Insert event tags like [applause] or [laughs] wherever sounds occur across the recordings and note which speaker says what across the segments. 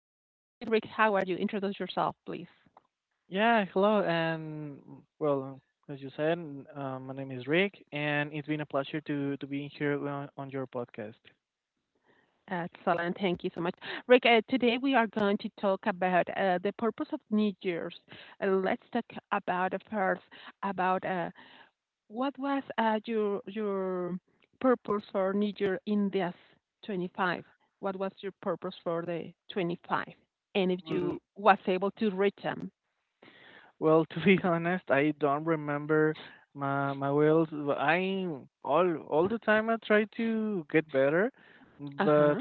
Speaker 1: Hi, Rick. How are you? Introduce yourself, please.
Speaker 2: Yeah, hello, and well, as you said, my name is Rick, and it's been a pleasure to be here on your podcast.
Speaker 1: Excellent. Thank you so much. Rick, today we are going to talk about the purpose of New Year's. Let's talk about first about what was your purpose for New Year in this 25? What was your purpose for the 25? And if
Speaker 2: Mm,
Speaker 1: you was able to reach them.
Speaker 2: Well, to be [laughs] honest, I don't remember my wheels. But I all the time I try to get better, but
Speaker 1: Uh-huh,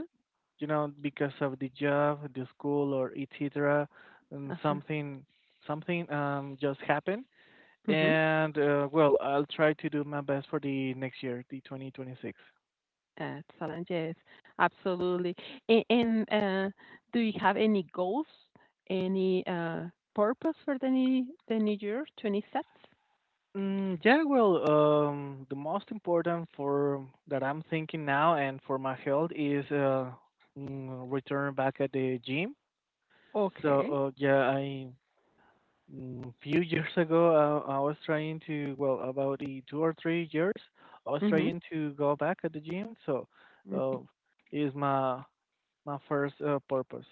Speaker 2: because of the job, the school, or etc., and
Speaker 1: uh-huh,
Speaker 2: something just happened,
Speaker 1: mhm.
Speaker 2: and well, I'll try to do my best for the next year, the 2026.
Speaker 1: Excellent, yes, absolutely. Uh, do you have any goals, any, purpose for the new year, 26?
Speaker 2: Yeah, well, the most important for that I'm thinking now and for my health is return back at the gym. So
Speaker 1: Okay.
Speaker 2: yeah, few [laughs] years ago I was trying to well about the 2 or 3 years I was
Speaker 1: Mhm,
Speaker 2: trying to go back at the gym. So uh,
Speaker 1: mhm.
Speaker 2: is my first purpose.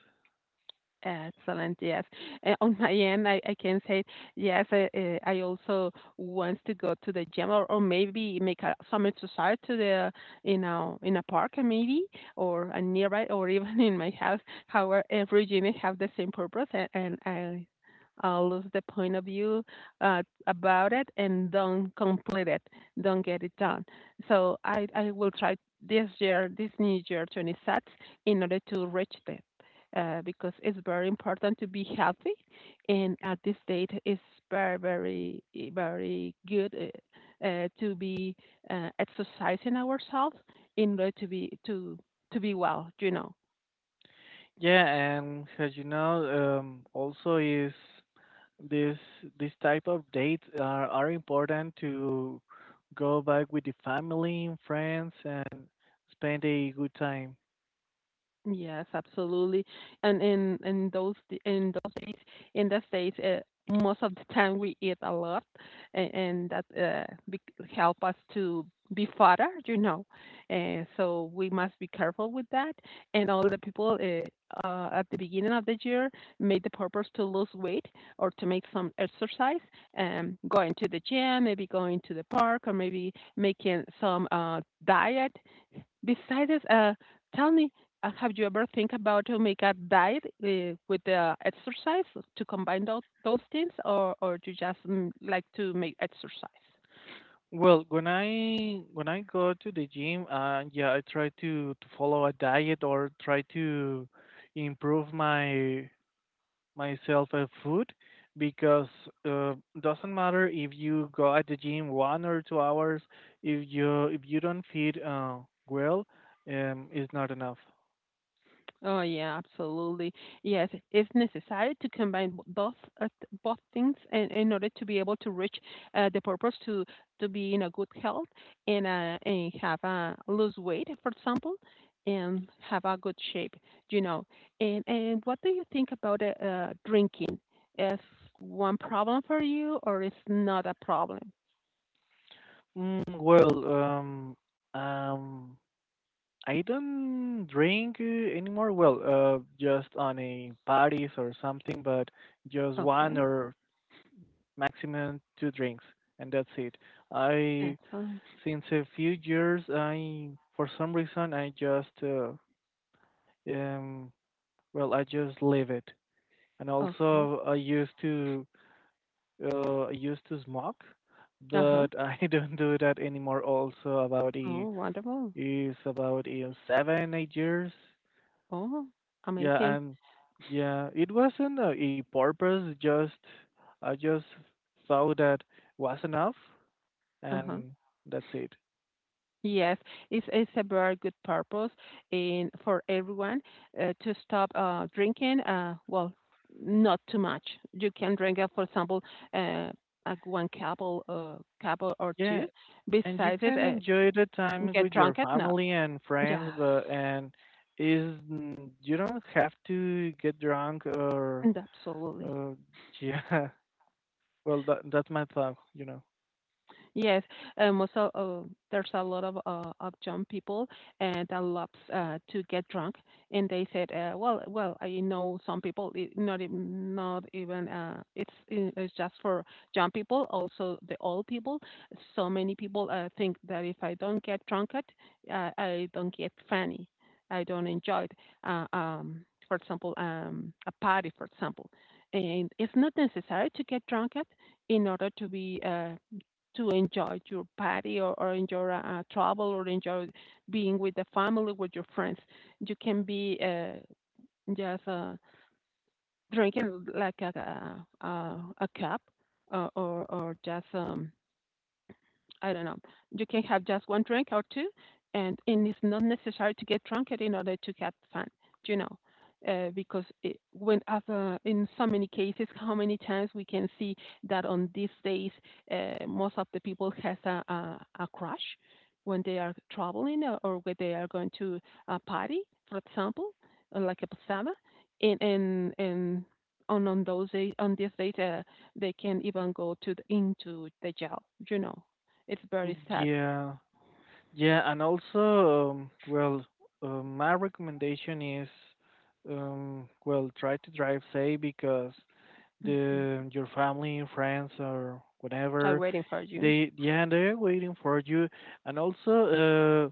Speaker 1: Excellent. Yes. On my end, I can say yes. I also want to go to the gym, or maybe make a some exercise to the you know in a park, maybe or a nearby, or even [laughs] in my house. However, every gym have the same purpose, and I lose the point of view about it and don't complete it, don't get it done. So I will try this year, this new year, 26, in order to reach that because it's very important to be healthy. And at this date, it's very, very, very good to be exercising ourselves in order to be well. You know,
Speaker 2: Yeah, and as you know, also is This this type of dates are important to go back with the family and friends and spend a good time.
Speaker 1: yes, absolutely. And in in those days in the states, most of the time we eat a lot, and that help us to be fatter, you know. And so we must be careful with that. And all the people at the beginning of the year made the purpose to lose weight or to make some exercise, going to the gym, maybe going to the park, or maybe making some diet. Besides, tell me, have you ever think about to make a diet with the exercise to combine those things, or you just mm, like to make exercise?
Speaker 2: Well, when I go to the gym, yeah, I try to follow a diet or try to improve my myself at food, because uh, doesn't matter if you go at the gym 1 or 2 hours if you don't feed well, it's not enough.
Speaker 1: Oh yeah, absolutely. Yes, it's necessary to combine both both things in order to be able to reach the purpose to be in a good health and have a lose weight, for example, and have a good shape. You know, and what do you think about drinking? Is one problem for you, or is not a problem?
Speaker 2: Well, um, I don't drink anymore. Well, just on a parties or something, but just one
Speaker 1: Okay,
Speaker 2: or maximum two drinks, and that's it. I
Speaker 1: that's
Speaker 2: Since a few years, I for some reason I just um, well, I just leave it. And
Speaker 1: okay.
Speaker 2: also, I used to smoke,
Speaker 1: Uh huh.
Speaker 2: but I [laughs] don't do that anymore. Also, about the
Speaker 1: Oh, wonderful.
Speaker 2: is about 7, 8 years.
Speaker 1: Oh,
Speaker 2: Yeah,
Speaker 1: amazing.
Speaker 2: and yeah, it wasn't a purpose. Just I just thought that was enough,
Speaker 1: Uh huh.
Speaker 2: and that's it.
Speaker 1: Yes, it's a very good purpose in for everyone to stop drinking. Well, not too much. You can drink, for example, uh, like one cup or cup or
Speaker 2: Yeah,
Speaker 1: two.
Speaker 2: and you
Speaker 1: Besides it,
Speaker 2: can enjoy the time
Speaker 1: get
Speaker 2: with your
Speaker 1: drunk at not.
Speaker 2: family and friends,
Speaker 1: Yes,
Speaker 2: but you don't have to get drunk or
Speaker 1: and absolutely.
Speaker 2: uh, yeah. [laughs] Well, that's my thought. You know.
Speaker 1: Yes, also there's a lot of young people and that loves to get drunk, and they said, well, well, I know some people, it, not even it's just for young people, also the old people. So many people think that if I don't get drunk, at, I don't get funny, I don't enjoy it. For example, a party, for example, and it's not necessary to get drunk at in order to be to enjoy your party or enjoy travel or enjoy being with the family, with your friends. You can be just drinking like a cup or just I don't know. You can have just one drink or two, and it's not necessary to get drunk in order to get fun, you know. Because it, when other, in so many cases, how many times we can see that on these days, most of the people has a crush when they are traveling or when they are going to a party, for example, like a posada, and on those days on these days, they can even go to the, into the jail, you know. It's very sad.
Speaker 2: Yeah. Yeah, and also, well, my recommendation is, well, try to drive safe, because
Speaker 1: Mhm.
Speaker 2: the your family, friends, or
Speaker 1: I'm
Speaker 2: whatever,
Speaker 1: waiting for you.
Speaker 2: they yeah, they're waiting for you, and also,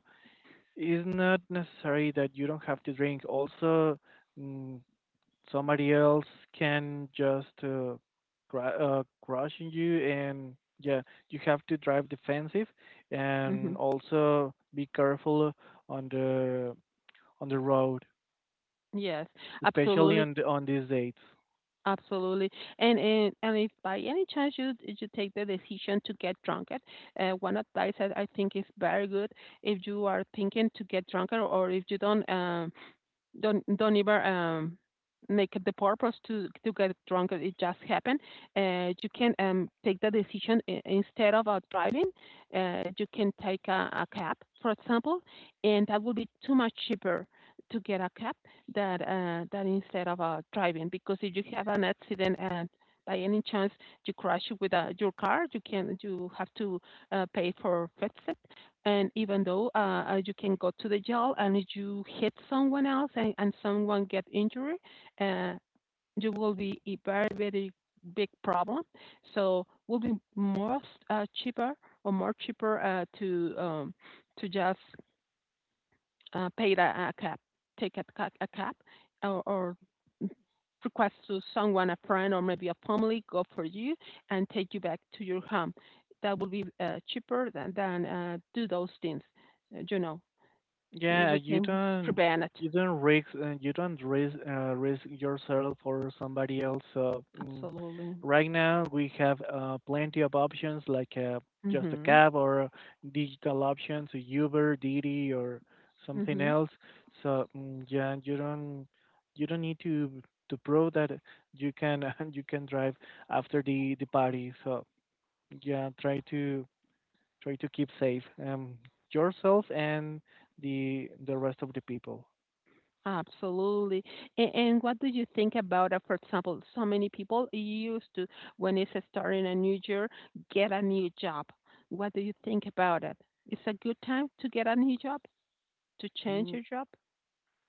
Speaker 2: it's not necessary that you don't have to drink. Also, mm, somebody else can just crush on you, and yeah, you have to drive defensive and
Speaker 1: Mhm.
Speaker 2: also be careful on the on the road,
Speaker 1: Yes,
Speaker 2: especially
Speaker 1: absolutely,
Speaker 2: on these dates.
Speaker 1: absolutely. And if by any chance you take the decision to get drunk, one advice that I think is very good. If you are thinking to get drunk or if you don't don't ever make it the purpose to get drunk, it just happened. Uh, you can take the decision, instead of out driving, you can take a cab, for example, and that will be too much cheaper to get a cab, that that instead of driving, because if you have an accident and by any chance you crash with your car, you have to pay for fixes, and even though you can go to the jail and you hit someone else, and someone get injured, uh, you will be a very, very big problem. So will be more cheaper or more cheaper to just paid a cab, take a cab, or request to someone, a friend, or maybe a family go for you and take you back to your home. That will be cheaper than do those things. You know, eh,
Speaker 2: Yeah,
Speaker 1: we can prevent it.
Speaker 2: you don't risk risk yourself for somebody else. So
Speaker 1: Absolutely.
Speaker 2: right now we have plenty of options like just a
Speaker 1: Mm-hmm.
Speaker 2: cab or digital options, so Uber, Didi, or something
Speaker 1: Mm-hmm.
Speaker 2: else. So yeah, you don't need to prove that you can [laughs] you can drive after the party. So yeah, try to keep safe, yourself and the rest of the people.
Speaker 1: Absolutely. And what do you think about, for example, so many people used to, when it's starting a new year, get a new job. What do you think about it? It's a good time to get a new job, to change
Speaker 2: Mm,
Speaker 1: your job?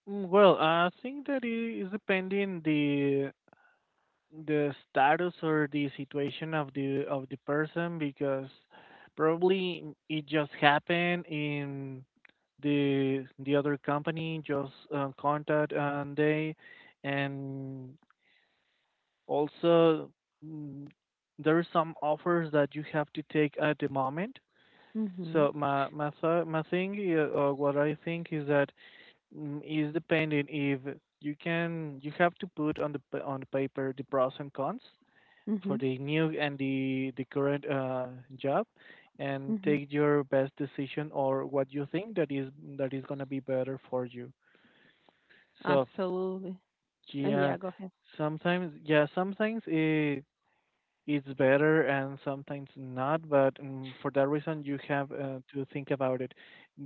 Speaker 2: Well, I think that it is depending the status or the situation of the person, because probably it just happened in the other company just contact, and they, and also mm, there are some offers that you have to take at the moment.
Speaker 1: Mm-hmm.
Speaker 2: So my thing, or what I think is that is depending if you have to put on the paper the pros and cons for
Speaker 1: Mm-hmm.
Speaker 2: the new and the current job, and
Speaker 1: Mm-hmm.
Speaker 2: take your best decision or what you think that is gonna be better for you. So
Speaker 1: Absolutely.
Speaker 2: yeah,
Speaker 1: Yeah, go ahead.
Speaker 2: yeah sometimes it's better and sometimes not, but for that reason you have to think about it.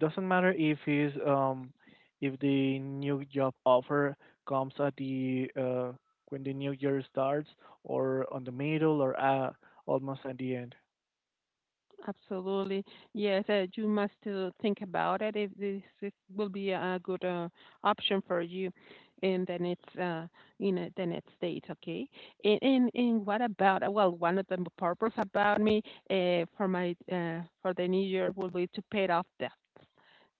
Speaker 2: Doesn't matter if the new job offer comes at the when the new year starts, or on the middle, or almost at the end.
Speaker 1: Absolutely. Yes, you must think about it if this is, will be a good option for you in the next uh, in the next state, okay? And, and what about well, one of the purpose about me for the new year will be to pay off debt.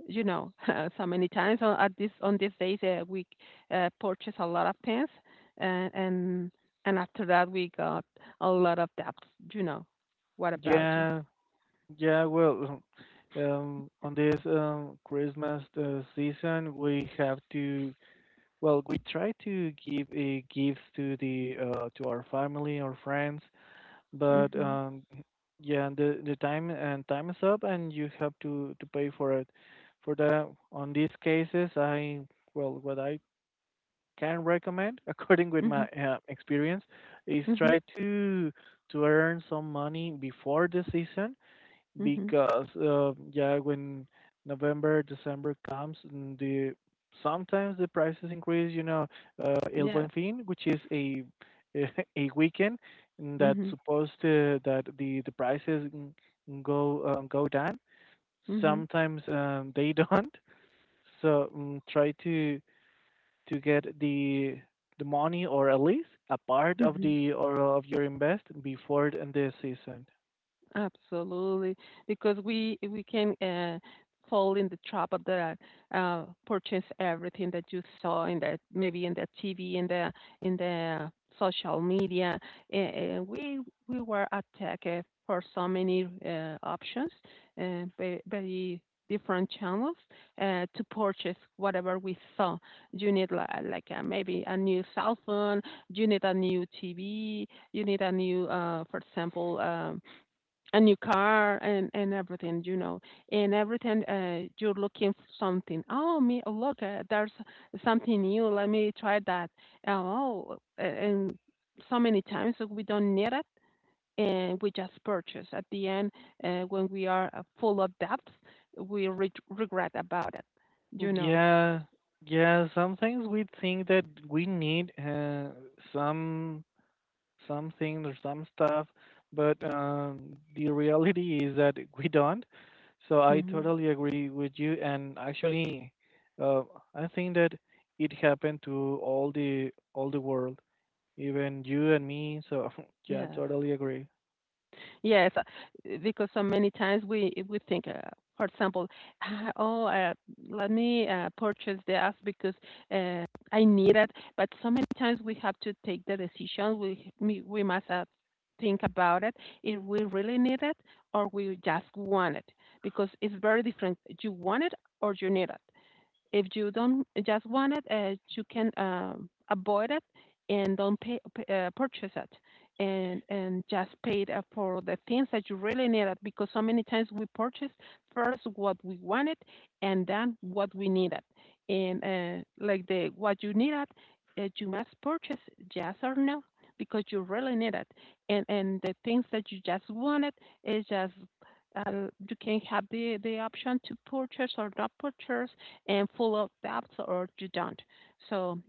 Speaker 1: You know, [laughs] so many times on at this on these days we purchase a lot of things, and and and after that we got a lot of debts. You know, what about you?
Speaker 2: Yeah, yeah. Well, [laughs] on this Christmas season, we have to well, we try to give gifts to the to our family or friends, but
Speaker 1: Mhm.
Speaker 2: yeah, the time and time is up, and you have to pay for it. For that, on these cases, I well what I can recommend [laughs] according with
Speaker 1: Mhm.
Speaker 2: my experience is
Speaker 1: Mhm.
Speaker 2: try to earn some money before the season,
Speaker 1: Mhm.
Speaker 2: because yeah, when November, December comes, and the sometimes the prices increase. You know, El Buen
Speaker 1: Yes.
Speaker 2: Fin, which is a [laughs] a weekend that
Speaker 1: Mhm.
Speaker 2: that the prices go down.
Speaker 1: Mhm.
Speaker 2: Sometimes they [laughs] don't. So try to get the money, or at least a part of
Speaker 1: Mhm.
Speaker 2: the or of your invest before the end of the season.
Speaker 1: Absolutely, because we can fall in the trap of the purchase everything that you saw in the maybe in the TV in the social media, and we were attacked for so many options, by different channels to purchase whatever we saw. You need like maybe a new cell phone, you need a new TV, you need a new, for example. A new car and everything, you know, and everything you're looking for something, oh me oh, look there's something new, let me try that. Oh and so many times we don't need it, and we just purchase at the end when we are full of debts, we regret about it, you know.
Speaker 2: Yeah, yeah. Some things we think that we need, some something or some stuff, but the reality is that we don't. So I
Speaker 1: Hmm,
Speaker 2: totally agree with you. And actually, uh, I think that it happened to all the world, even you and me. So [laughs] yeah,
Speaker 1: yes.
Speaker 2: totally agree.
Speaker 1: Yes, because so many times we think, for example, "Ah, oh, let me purchase this because uh, I need it." But so many times we have to take the decision. We must think about it if we really need it or we just want it, because it's very different. You want it or you need it. If you don't just want it, you can avoid it and don't pay, purchase it, and just pay it for the things that you really need it. Because so many times we purchase first what we wanted and then what we needed, and like the what you needed, you must purchase yes or no, because you really need it, and the things that you just wanted is just you can have the option to purchase or not purchase and full of depth, or you don't. So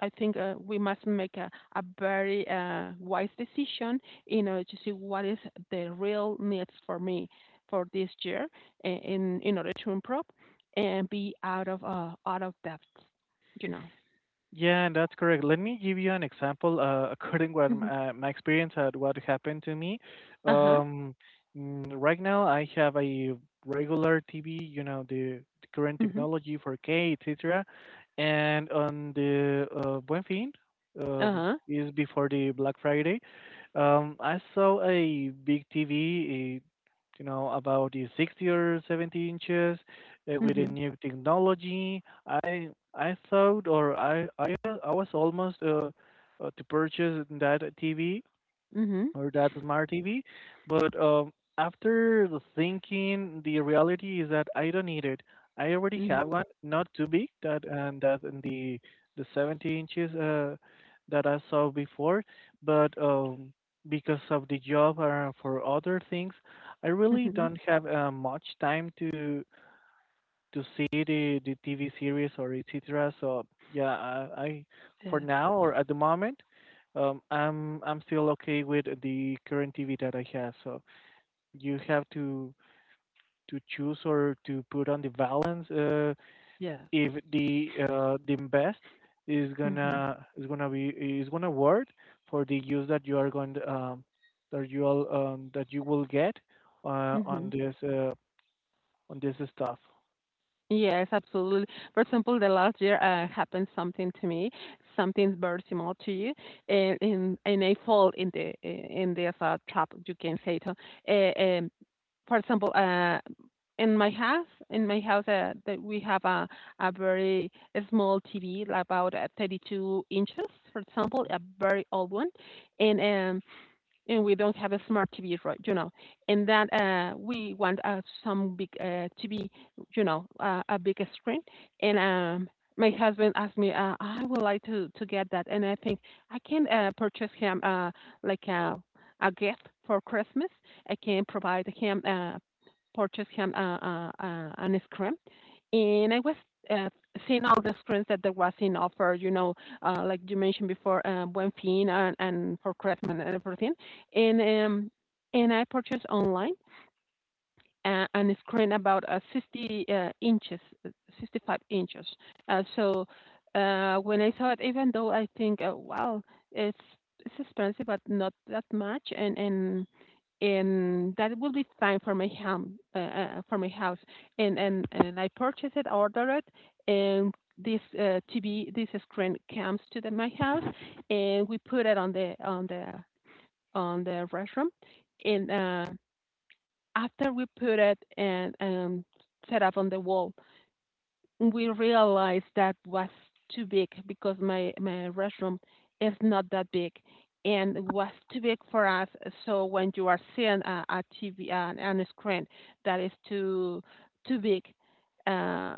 Speaker 1: I think we must make a very wise decision in order to see what is the real needs for me for this year in, order to improve and be out of debt, you know.
Speaker 2: Yeah, that's correct. Let me give you an example, [laughs] according what
Speaker 1: Hmm.
Speaker 2: my experience at what happened to me.
Speaker 1: Uh-huh.
Speaker 2: Um, right now, I have a regular TV, you know, the current
Speaker 1: Mm-hmm.
Speaker 2: technology, 4K, etc. And on the Buen Fin,
Speaker 1: Uh-huh.
Speaker 2: is before the Black Friday, I saw a big TV, you know, about the 60 or 70 inches, with a
Speaker 1: Mm-hmm.
Speaker 2: new technology. I thought, or I was almost to purchase that TV
Speaker 1: Mm-hmm.
Speaker 2: or that smart TV, but after the thinking, the reality is that I don't need it. I already have
Speaker 1: Mm-hmm.
Speaker 2: one, not too big, that and that and the 70 inches that I saw before, but because of the job or for other things, I really
Speaker 1: Mm-hmm.
Speaker 2: don't have much time to see the TV series or etc. So yeah, I, for
Speaker 1: Yes.
Speaker 2: now or at the moment, I'm still okay with the current TV that I have. So you have to choose or to put on the balance,
Speaker 1: Yes.
Speaker 2: if the best
Speaker 1: Mm-hmm.
Speaker 2: is gonna work for the use that you are going to, that you all that you will get uh,
Speaker 1: Mm-hmm.
Speaker 2: on this uh, on this stuff.
Speaker 1: Yes, absolutely. For example, the last year happened something to me, something very similar to you, and I fall in the in this trap, you can say. So, uh, um, for example, in my house, that we have a very small TV, like about 32 inches, for example, a very old one, and um, and we don't have a smart TV, right? And that we want some big TV, a big screen. And My husband asked me, I would like to get that, and I think I can purchase him like a gift for Christmas. I can provide him, purchase him an screen, and I was Uh, seeing all the screens that there was in offer, like you mentioned before, Buen Fin and for Christmas and everything, and um, and I purchased online a screen about 60 inches, uh, 65 inches. So when I saw it, even though I think, wow, it's it's expensive, but not that much, and that will be fine for my home, for my house. And I purchased it, ordered it, and this TV, this screen comes to my house, and we put it on the restroom, and after we put it and set up on the wall, we realized that was too big because my restroom is not that big, and was too big for us. So when you are seeing a TV and a screen that is too big, uh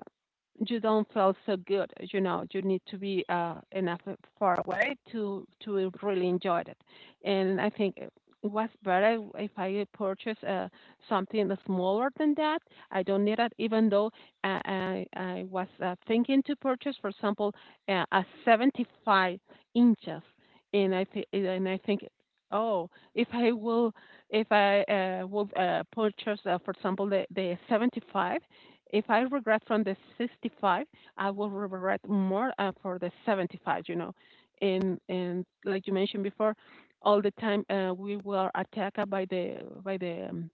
Speaker 1: you don't feel so good. You need to be enough far away to really enjoy it. And I think it was better if I purchase something smaller than that. I don't need it, even though I was thinking to purchase, for example, a 75 inches, and I think, oh, if I will, if I will purchase, for example, the 75, if I regret from the 65, I will regret more for the 75, and like you mentioned before, all the time we were attacked by the by the um,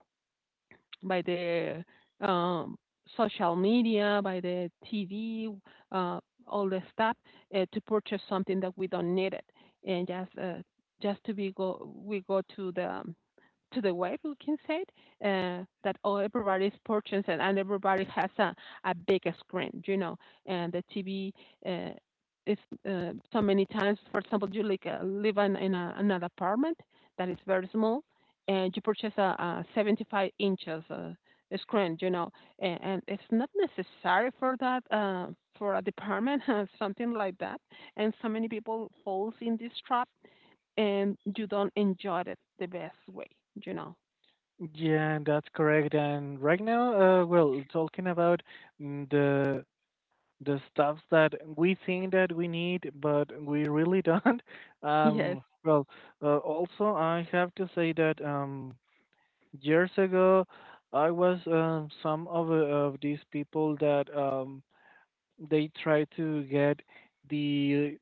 Speaker 1: by the um, social media, by the TV, uh, all the stuff to purchase something that we don't need it, and just to be go to the web, we can say it, that all everybody's purchasing and everybody has a big screen, and the TV uh, is, so many times. For example, you like live in an apartment that is very small, and you purchase a 75 inches screen, and it's not necessary for that, for a department, [laughs] something like that. And so many people falls in this trap and you don't enjoy it the best way, you know.
Speaker 2: Yeah, that's correct. And right now, well, talking about the stuff that we think that we need, but we really don't. [laughs]
Speaker 1: Yes.
Speaker 2: Well, also I have to say that years ago, I was, some of these people that they try to get the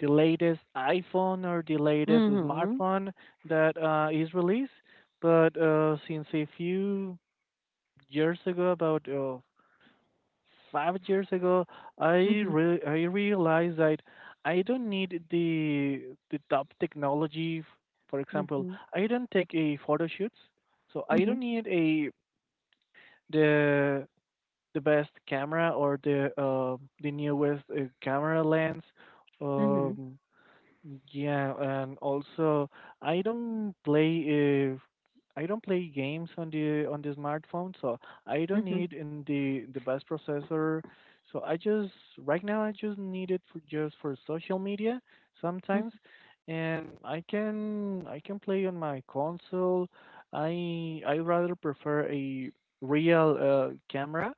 Speaker 2: the latest iPhone or the latest
Speaker 1: Mhm.
Speaker 2: smartphone that is released. But since a few years ago, about 5 years ago,
Speaker 1: Mhm.
Speaker 2: I realized that I don't need the top technology. For example,
Speaker 1: Mhm.
Speaker 2: I don't take a photo shoots, so I
Speaker 1: Mhm.
Speaker 2: don't need a the the best camera or the newest camera lens.
Speaker 1: Mhm.
Speaker 2: Um, yeah, and also I don't play uh, I don't play games on the smartphone, so I don't
Speaker 1: Mhm.
Speaker 2: need in the best processor. So I just right now, I just need it for just for social media
Speaker 1: Mhm.
Speaker 2: sometimes, and I can play on my console. I rather prefer a real camera,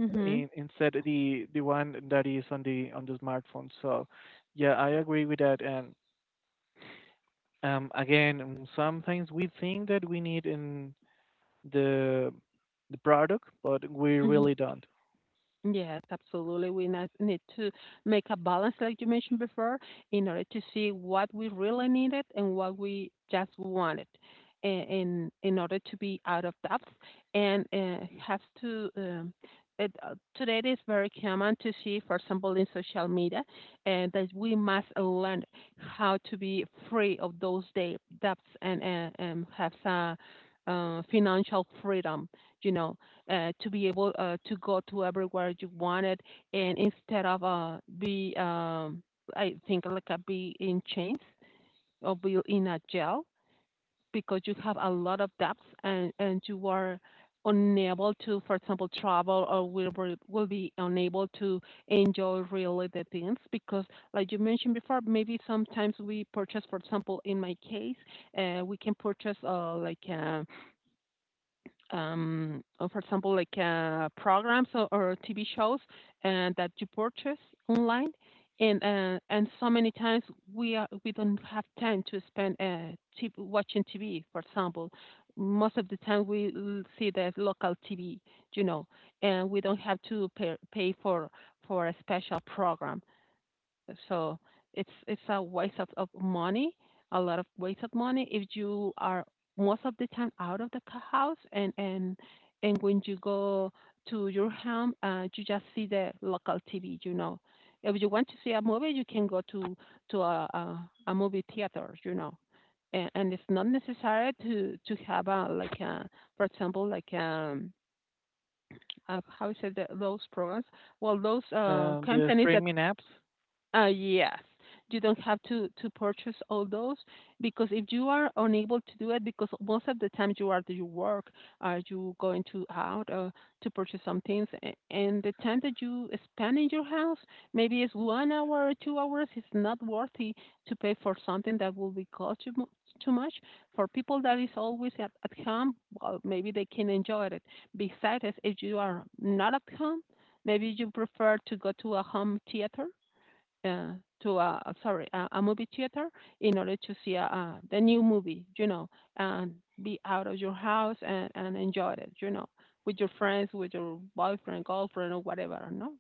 Speaker 1: Mhm.
Speaker 2: instead of the one that is on the smartphone. So yeah, I agree with that. And. Again, sometimes we think that we need in the the product, but we
Speaker 1: Mhm.
Speaker 2: really don't.
Speaker 1: Yes, absolutely. We need to make a balance, like you mentioned before, in order to see what we really needed and what we just wanted, in order to be out of depth. And have to, today it is very common to see, for example, in social media, and that we must learn how to be free of those debts, and have some financial freedom. You know, to be able to go to everywhere you wanted, and instead of be, I think like be in chains, or be in a jail because you have a lot of debts and you are unable to, for example, travel, or will be unable to enjoy really the things because, like you mentioned before, maybe sometimes we purchase, for example, in my case, we can purchase, like. Or, for example, like programs, or TV shows, that you purchase online, and so many times we don't have time to spend, watching TV. For example, most of the time we see the local TV, you know, and we don't have to pay for a special program. So it's a waste of money, a lot of waste of money if you are most of the time out of the house, and when you go to your home, you just see the local TV. If you want to see a movie, you can go to a movie theater. And it's not necessary to have, a like a, for example, like how is it, those programs, well, those
Speaker 2: The
Speaker 1: companies that,
Speaker 2: streaming apps,
Speaker 1: yes, you don't have to purchase all those, because if you are unable to do it, because most of the time you are at your work, are you going to out, to purchase some things, and the time that you spend in your house, maybe it's 1 hour or 2 hours, it's not worthy to pay for something that will be cost you, too much. For people that is always at home, well, maybe they can enjoy it. Besides, if you are not at home, maybe you prefer to go to a home theater, uh, to a, sorry, a movie theater, in order to see a the new movie, and be out of your house and enjoy it, with your friends, with your boyfriend, girlfriend, or whatever, no?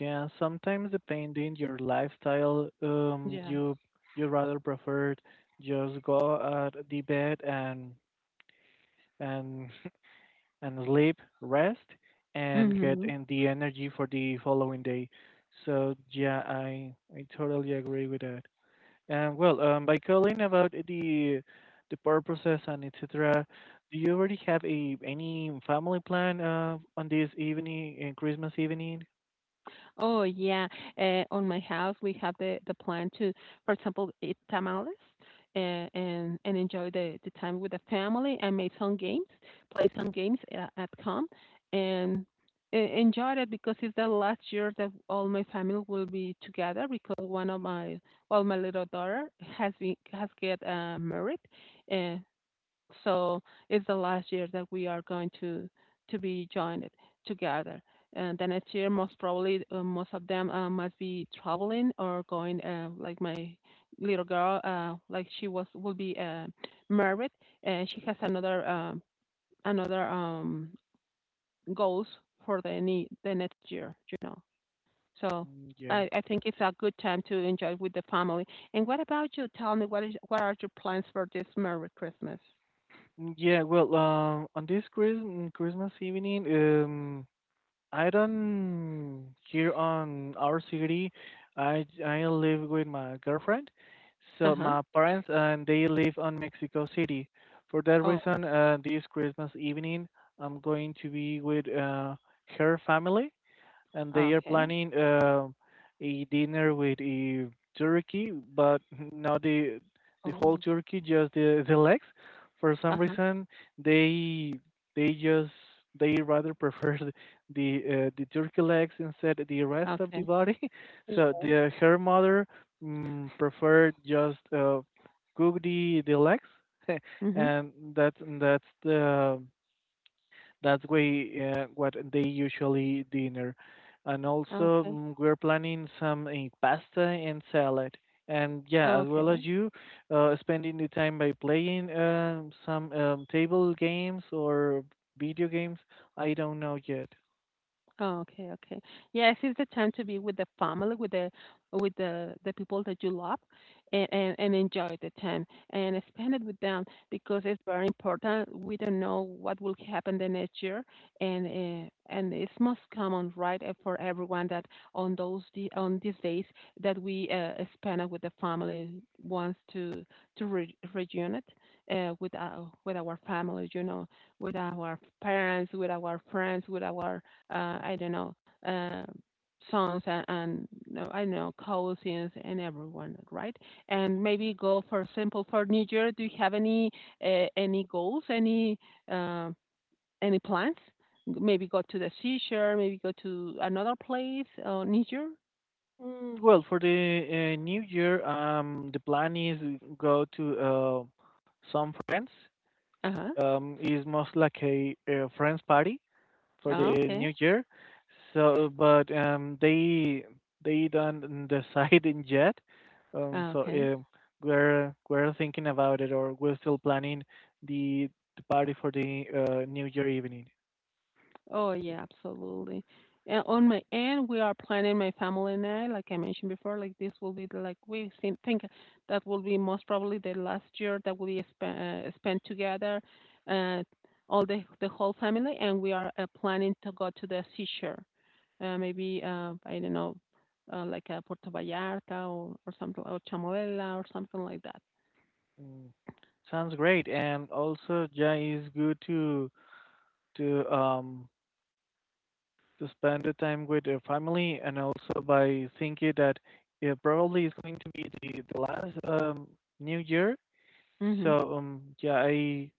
Speaker 2: yeah, sometimes depending your lifestyle,
Speaker 1: Yes.
Speaker 2: you rather prefer just go at the bed, and [laughs] and sleep, rest, and get
Speaker 1: Mm-hmm.
Speaker 2: in the energy for the following day. So yeah, I totally agree with that. Well, by calling about the purposes and etc., do you already have a any family plan on this evening, Christmas evening?
Speaker 1: Oh yeah, on my house we have the plan to, for example, eat tamales, and enjoy the time with the family and make some games, play some games at home, and enjoy it, because it's the last year that all my family will be together, because one of my well, my little daughter has been has get, married, uh, so it's the last year that we are going to be joined together, and the next year most probably most of them must be traveling or going, like my little girl, like she was will be, married, and she has another, goals for the the next year, so
Speaker 2: Mm, yeah.
Speaker 1: I think it's a good time to enjoy with the family. And what about you? Tell me, what are your plans for this merry Christmas?
Speaker 2: Mm, yeah. Well, on this Christmas evening, I don't here on our city. I live with my girlfriend, so
Speaker 1: Uh-huh.
Speaker 2: my parents and they live on Mexico City. For that
Speaker 1: Oh.
Speaker 2: reason, this Christmas evening, I'm going to be with her family, and they are
Speaker 1: Okay.
Speaker 2: planning a dinner with a turkey, but not the
Speaker 1: Oh,
Speaker 2: whole turkey, just the legs. [laughs] For some
Speaker 1: uh-huh.
Speaker 2: reason, they they just they rather prefer the turkey legs instead of the rest of the
Speaker 1: Okay.
Speaker 2: body. [laughs] So
Speaker 1: Yeah.
Speaker 2: the her mother, preferred just cook the legs, [laughs]
Speaker 1: Mm-hmm.
Speaker 2: and that's way, what they usually dinner, and also
Speaker 1: Okay.
Speaker 2: we're planning some pasta and salad. And yeah, as well
Speaker 1: Okay.
Speaker 2: as you, spending the time by playing some table games or video games. I don't know yet.
Speaker 1: Oh, okay, okay. Yes, it's the time to be with the family, with the people that you love, and enjoy the time and spend it with them, because it's very important. We don't know what will happen the next year, and it's most common, right, for everyone that on those the on these days that we, spend it with the family, wants to reunite, with our family, with our parents, with our friends, with our, I don't know, uh, songs and no, I don't know, cousins and everyone, right? And maybe go for simple for New Year. Do you have any, any goals, uh, any plans? Maybe go to the seashore, maybe go to another place, New Year.
Speaker 2: Well, for the new year, the plan is go to some friends.
Speaker 1: Uh
Speaker 2: Is most like a friends party for
Speaker 1: huh.
Speaker 2: the
Speaker 1: Okay.
Speaker 2: new year. So, but they don't [laughs] decide in yet. Um, so
Speaker 1: Okay.
Speaker 2: um, we're thinking about it, or we're still planning the, the party for the new year evening.
Speaker 1: Oh, yeah, absolutely. And on my end, we are planning, my family and I, like I mentioned before, like this will be like we think that will be most probably the last year that we spend together, uh, all the whole family, and we are planning to go to the seashore, maybe, I don't know, like, Puerto Vallarta, or something, or Chamoela or something like that.
Speaker 2: Mm. Sounds great, and also yeah, it's good to to um to spend the time with your family, and also by thinking that it probably is going to be the last new year.
Speaker 1: Mm-hmm.
Speaker 2: So yeah, I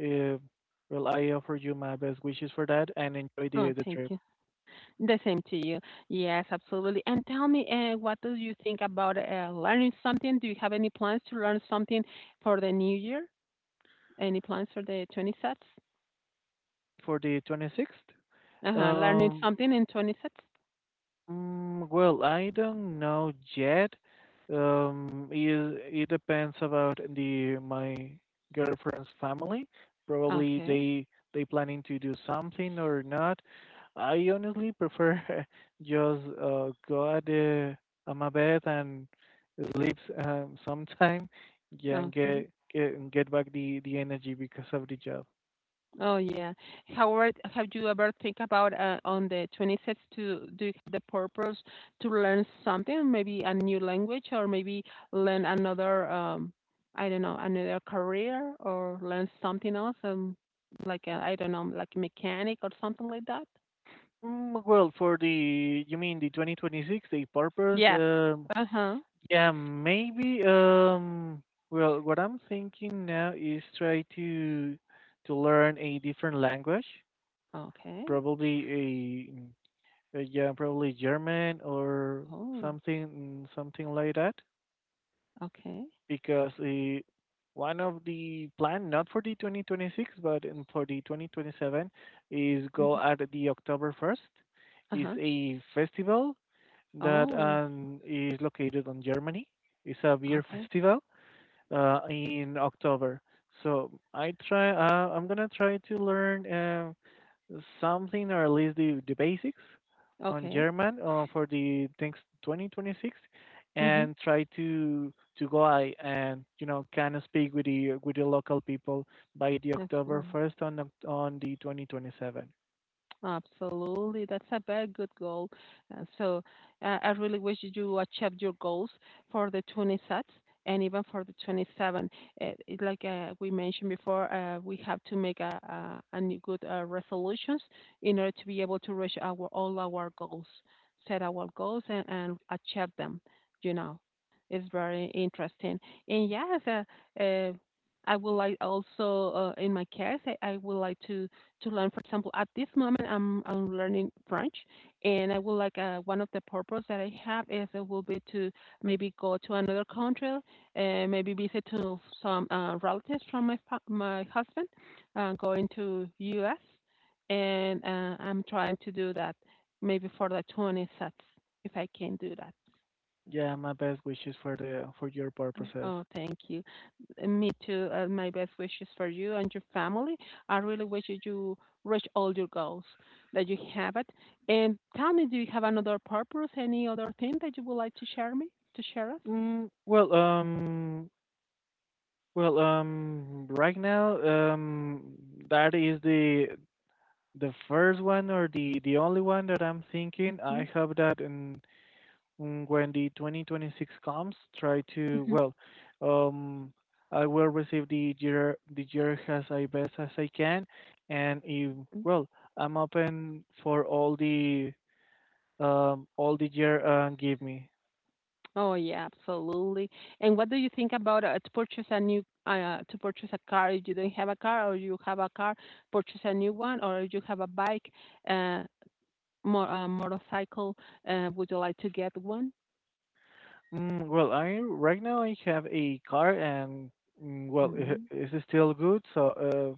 Speaker 2: Uh, well, I offer you my best wishes for that and enjoy
Speaker 1: Oh,
Speaker 2: the
Speaker 1: thank
Speaker 2: trip.
Speaker 1: you. The same to you. Yes, absolutely. And tell me, what do you think about learning something? Do you have any plans to learn something for the new year? Any plans for the 20 sets?
Speaker 2: For the 26th,
Speaker 1: Uh-huh. Learning
Speaker 2: um,
Speaker 1: something in 20 sets.
Speaker 2: Well, I don't know yet. It, it depends about the my girlfriend's family. Probably
Speaker 1: Okay.
Speaker 2: they planning to do something or not. I honestly prefer [laughs] just go at the on my bed and sleep [laughs] sometime, yeah, and
Speaker 1: Okay.
Speaker 2: get back the energy because of the job.
Speaker 1: Oh, yeah. Howard, have you ever think about, on the 26th to do the purpose to learn something, maybe a new language, or maybe learn another, I don't know, another career or learn something else, like I don't know, like mechanic or something like that?
Speaker 2: Well, for the, you mean the 2026, the purpose?
Speaker 1: Yes. Uh-huh.
Speaker 2: Yeah, maybe well, what I'm thinking now is try to learn a different language,
Speaker 1: Okay.
Speaker 2: probably a yeah, probably German or
Speaker 1: Oh,
Speaker 2: something something like that
Speaker 1: okay.
Speaker 2: because one of the plan not for the 2026 but in for the 2027 is go
Speaker 1: Hmm.
Speaker 2: at the October 1st. Is
Speaker 1: Uh-huh.
Speaker 2: a festival that
Speaker 1: Oh,
Speaker 2: is located on Germany. It's a beer [laughs]
Speaker 1: okay.
Speaker 2: festival in October. So I try. I'm gonna try to learn something or at least the basics on
Speaker 1: Okay.
Speaker 2: German for the next 2026,
Speaker 1: Mm-hmm.
Speaker 2: and try to go I and you know kind of speak with the local people by the October
Speaker 1: Absolutely.
Speaker 2: 1st on on the 2027.
Speaker 1: Absolutely, that's a very good goal. So I really wish you achieved your goals for the 26 and even for the 27. It, like, we mentioned before, we have to make a new good, resolutions, in order to be able to reach our all our goals, set our goals and achieve them. You know, it's very interesting. And yes, uh, I would like also, in my case, I would like to learn. For example, at this moment, I'm learning French, and I would like one of the purpose that I have is it will be to maybe go to another country, and maybe visit to some relatives from my husband, going to U.S. and I'm trying to do that maybe for the 20 sets if I can do that.
Speaker 2: Yeah, my best wishes for the for your purposes.
Speaker 1: Oh, thank you. Me too. My best wishes for you and your family. I really wish that you reach all your goals that you have it. And tell me, do you have another purpose? Any other thing that you would like to share me to share us?
Speaker 2: Mm, well, um, Well, right now, that is the first one or the only one that I'm thinking.
Speaker 1: Hmm.
Speaker 2: I hope that when the 2026 comes, try to
Speaker 1: Hmm.
Speaker 2: well, um, I will receive the year as I best as I can, and if, well, I'm open for all the year give me.
Speaker 1: Oh yeah, absolutely. And what do you think about to purchase a car if you don't have a car, or you have a car, purchase a new one, or you have a bike, uh, more motorcycle? Would you like to get one?
Speaker 2: Well, I right now I have a car and well,
Speaker 1: Mm-hmm.
Speaker 2: is it still good? So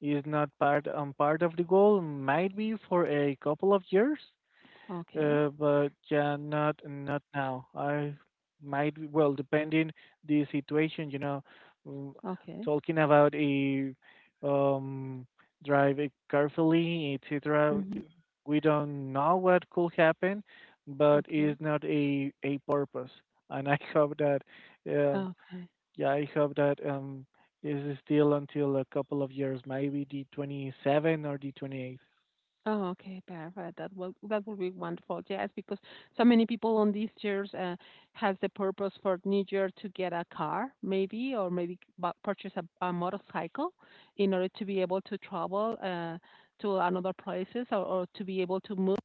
Speaker 2: is not part part of the goal. Might be for a couple of years.
Speaker 1: Okay,
Speaker 2: But yeah, not not now. I might well, depending the situation, you know, Mm,
Speaker 1: okay,
Speaker 2: talking about a um drive it carefully, etc.
Speaker 1: hmm,
Speaker 2: We don't know what could happen, but
Speaker 1: okay,
Speaker 2: it's not a a purpose. And I [laughs] hope that, uh,
Speaker 1: okay.
Speaker 2: yeah, I hope that this is still until a couple of years, maybe the 27 or the 28.
Speaker 1: Oh, okay, perfect. That will be wonderful. Yes, because so many people on these years has the purpose for New Year to get a car, maybe, or maybe purchase a motorcycle in order to be able to travel to another places or to be able to move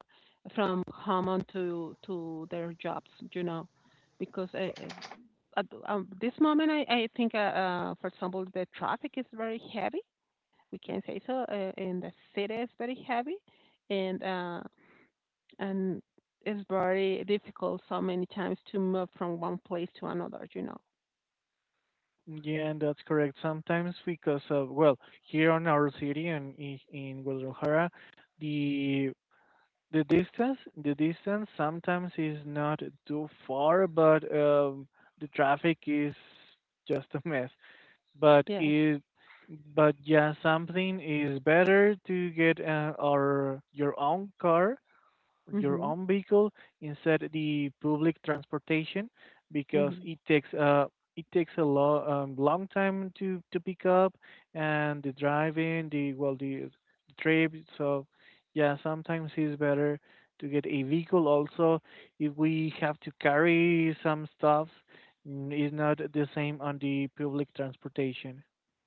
Speaker 1: from home on to their jobs. You know, because at this moment, I think for example the traffic is very heavy we can say so. And the city is very heavy, and uh, and it's very difficult so many times to move from one place to another. You know.
Speaker 2: Yeah, that's correct. Sometimes because of well, here on our city and in Guadalajara, the the distance sometimes is not too far, but the traffic is just a mess. But
Speaker 1: Yeah.
Speaker 2: it but yeah, something is better to get our your own car, your
Speaker 1: Mhm.
Speaker 2: own vehicle instead the public transportation because
Speaker 1: Mhm.
Speaker 2: it takes a long time to pick up and the driving the trip. So yeah, sometimes it's better to get a vehicle also if we have to carry some stuff. It's not the same on the public transportation.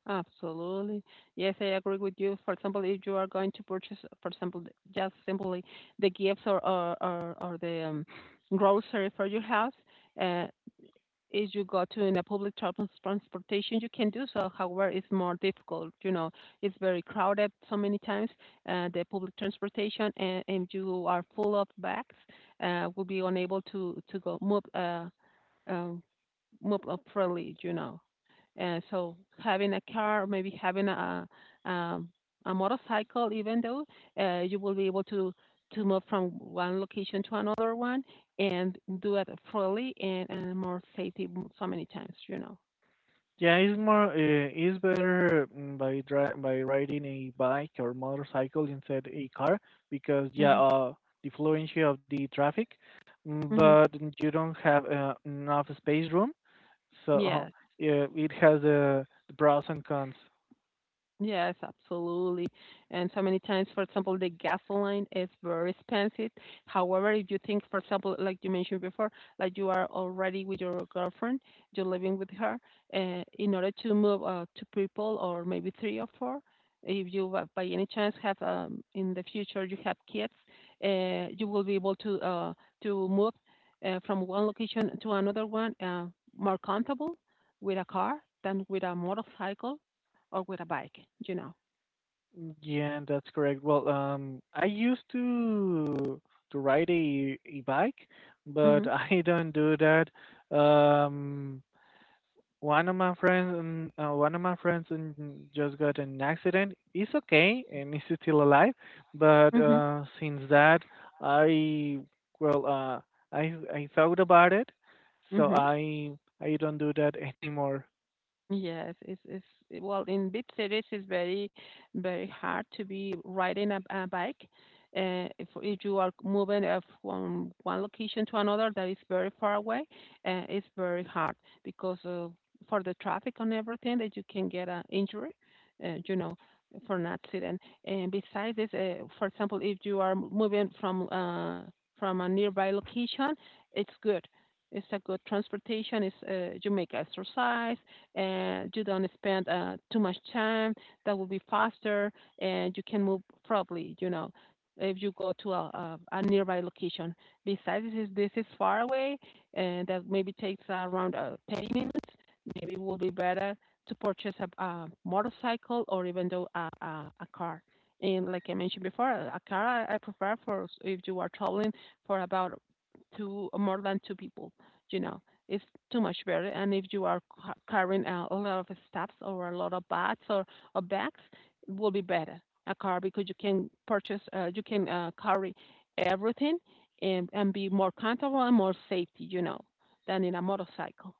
Speaker 1: Absolutely. Yes, I agree with you. For example, if you are going to purchase, for example, just simply the gifts or the grocery for your house, uh, if you go to in a public transportation, you can do so. However, it's more difficult. You know, it's very crowded so many times. The public transportation and you are full of bags, will be unable to go move um, move up freely. You know, and so having a car, or maybe having um, a motorcycle, even though you will be able to move from one location to another one and do it freely and more safety so many times, you know.
Speaker 2: Yeah, it's more it's better by dri by riding a bike or motorcycle instead a car because yeah,
Speaker 1: Hmm.
Speaker 2: the fluency of the traffic,
Speaker 1: Hmm.
Speaker 2: but you don't have enough space room, so
Speaker 1: Yeah.
Speaker 2: yeah, it has the pros and cons.
Speaker 1: Yes, absolutely. And so many times, for example, the gasoline is very expensive. However, if you think, for example, like you mentioned before, like you are already with your girlfriend, you're living with her, in order to move two people or maybe three or four, if you by any chance have in the future you have kids, you will be able to move from one location to another one more comfortable with a car than with a motorcycle or with a bike, you know.
Speaker 2: Yeah, that's correct. Well, I used to ride a bike, but [laughs]
Speaker 1: Mhm.
Speaker 2: I don't do that. Um, one of my friends just got in an accident. He's okay and he's still alive, but
Speaker 1: Mhm.
Speaker 2: since that I well I thought about it, so
Speaker 1: Mhm.
Speaker 2: I don't do that [laughs] anymore.
Speaker 1: Yes, well in big cities it's very hard to be riding a bike. If you are moving from one location to another that is very far away, it's very hard because for the traffic and everything that you can get an injury, you know, for an accident. And besides this, for example, if you are moving from a nearby location, it's good. It's a good transportation. It's you make exercise and you don't spend too much time. That will be faster, and you can move properly. You know, if you go to a nearby location. Besides, this is far away, and that maybe takes around 10 minutes. Maybe it will be better to purchase a motorcycle or even though a car. And like I mentioned before, a car I prefer for if you are traveling for about two more than two people, you know it's too much better. And if you are carrying a lot of stuffs or a lot of bags or bags, it will be better a car because you can purchase, you can carry everything and be more comfortable and more safety, you know, than in a motorcycle.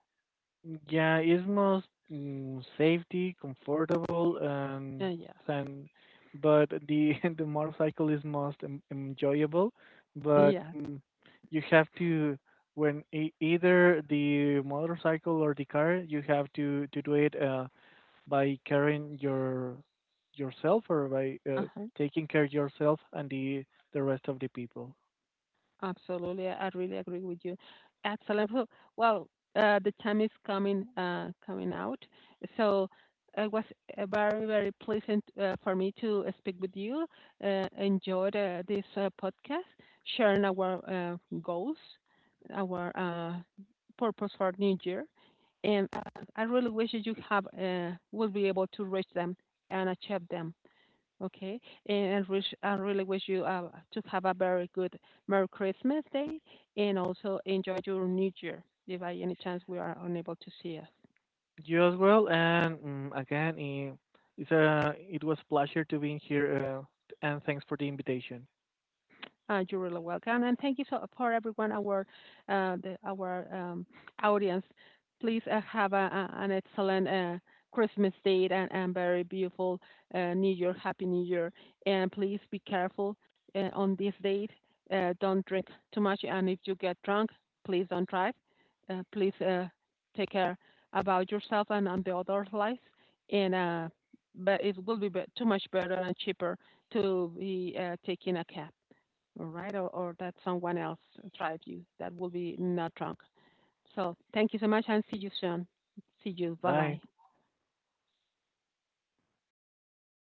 Speaker 2: Yeah, it's most safety, comfortable, and
Speaker 1: Yes.
Speaker 2: fun. But the [laughs] the motorcycle is most enjoyable. But
Speaker 1: Yeah.
Speaker 2: you have to when either the motorcycle or the car, you have to do it by carrying your yourself or by
Speaker 1: Uh-huh.
Speaker 2: taking care of yourself and the rest of the people.
Speaker 1: Absolutely. I really agree with you. Excellent. Well, well, the time is coming coming out. So it was very, very pleasant for me to speak with you. Enjoyed this podcast, sharing our goals, our purpose for New Year. And I really wish that you have will be able to reach them and achieve them. Okay, and I really wish you to have a very good Merry Christmas Day and also enjoy your New Year if by any chance we are unable to see us.
Speaker 2: You as well, and again, it's it was a pleasure to being here, and thanks for the invitation.
Speaker 1: You're really welcome. And thank you so for everyone, our uh, the- our um, audience. Please have a, an excellent Christmas day and very beautiful New Year. Happy New Year. And please be careful on this date. Don't drink too much. And if you get drunk, please don't drive. Please take care about yourself and on the other lives. And but it will be too much better and cheaper to be taking a cab all right, or that someone else drive you. That will be not wrong. So thank you so much and see you soon. See you. Bye
Speaker 2: Bye.
Speaker 1: bye.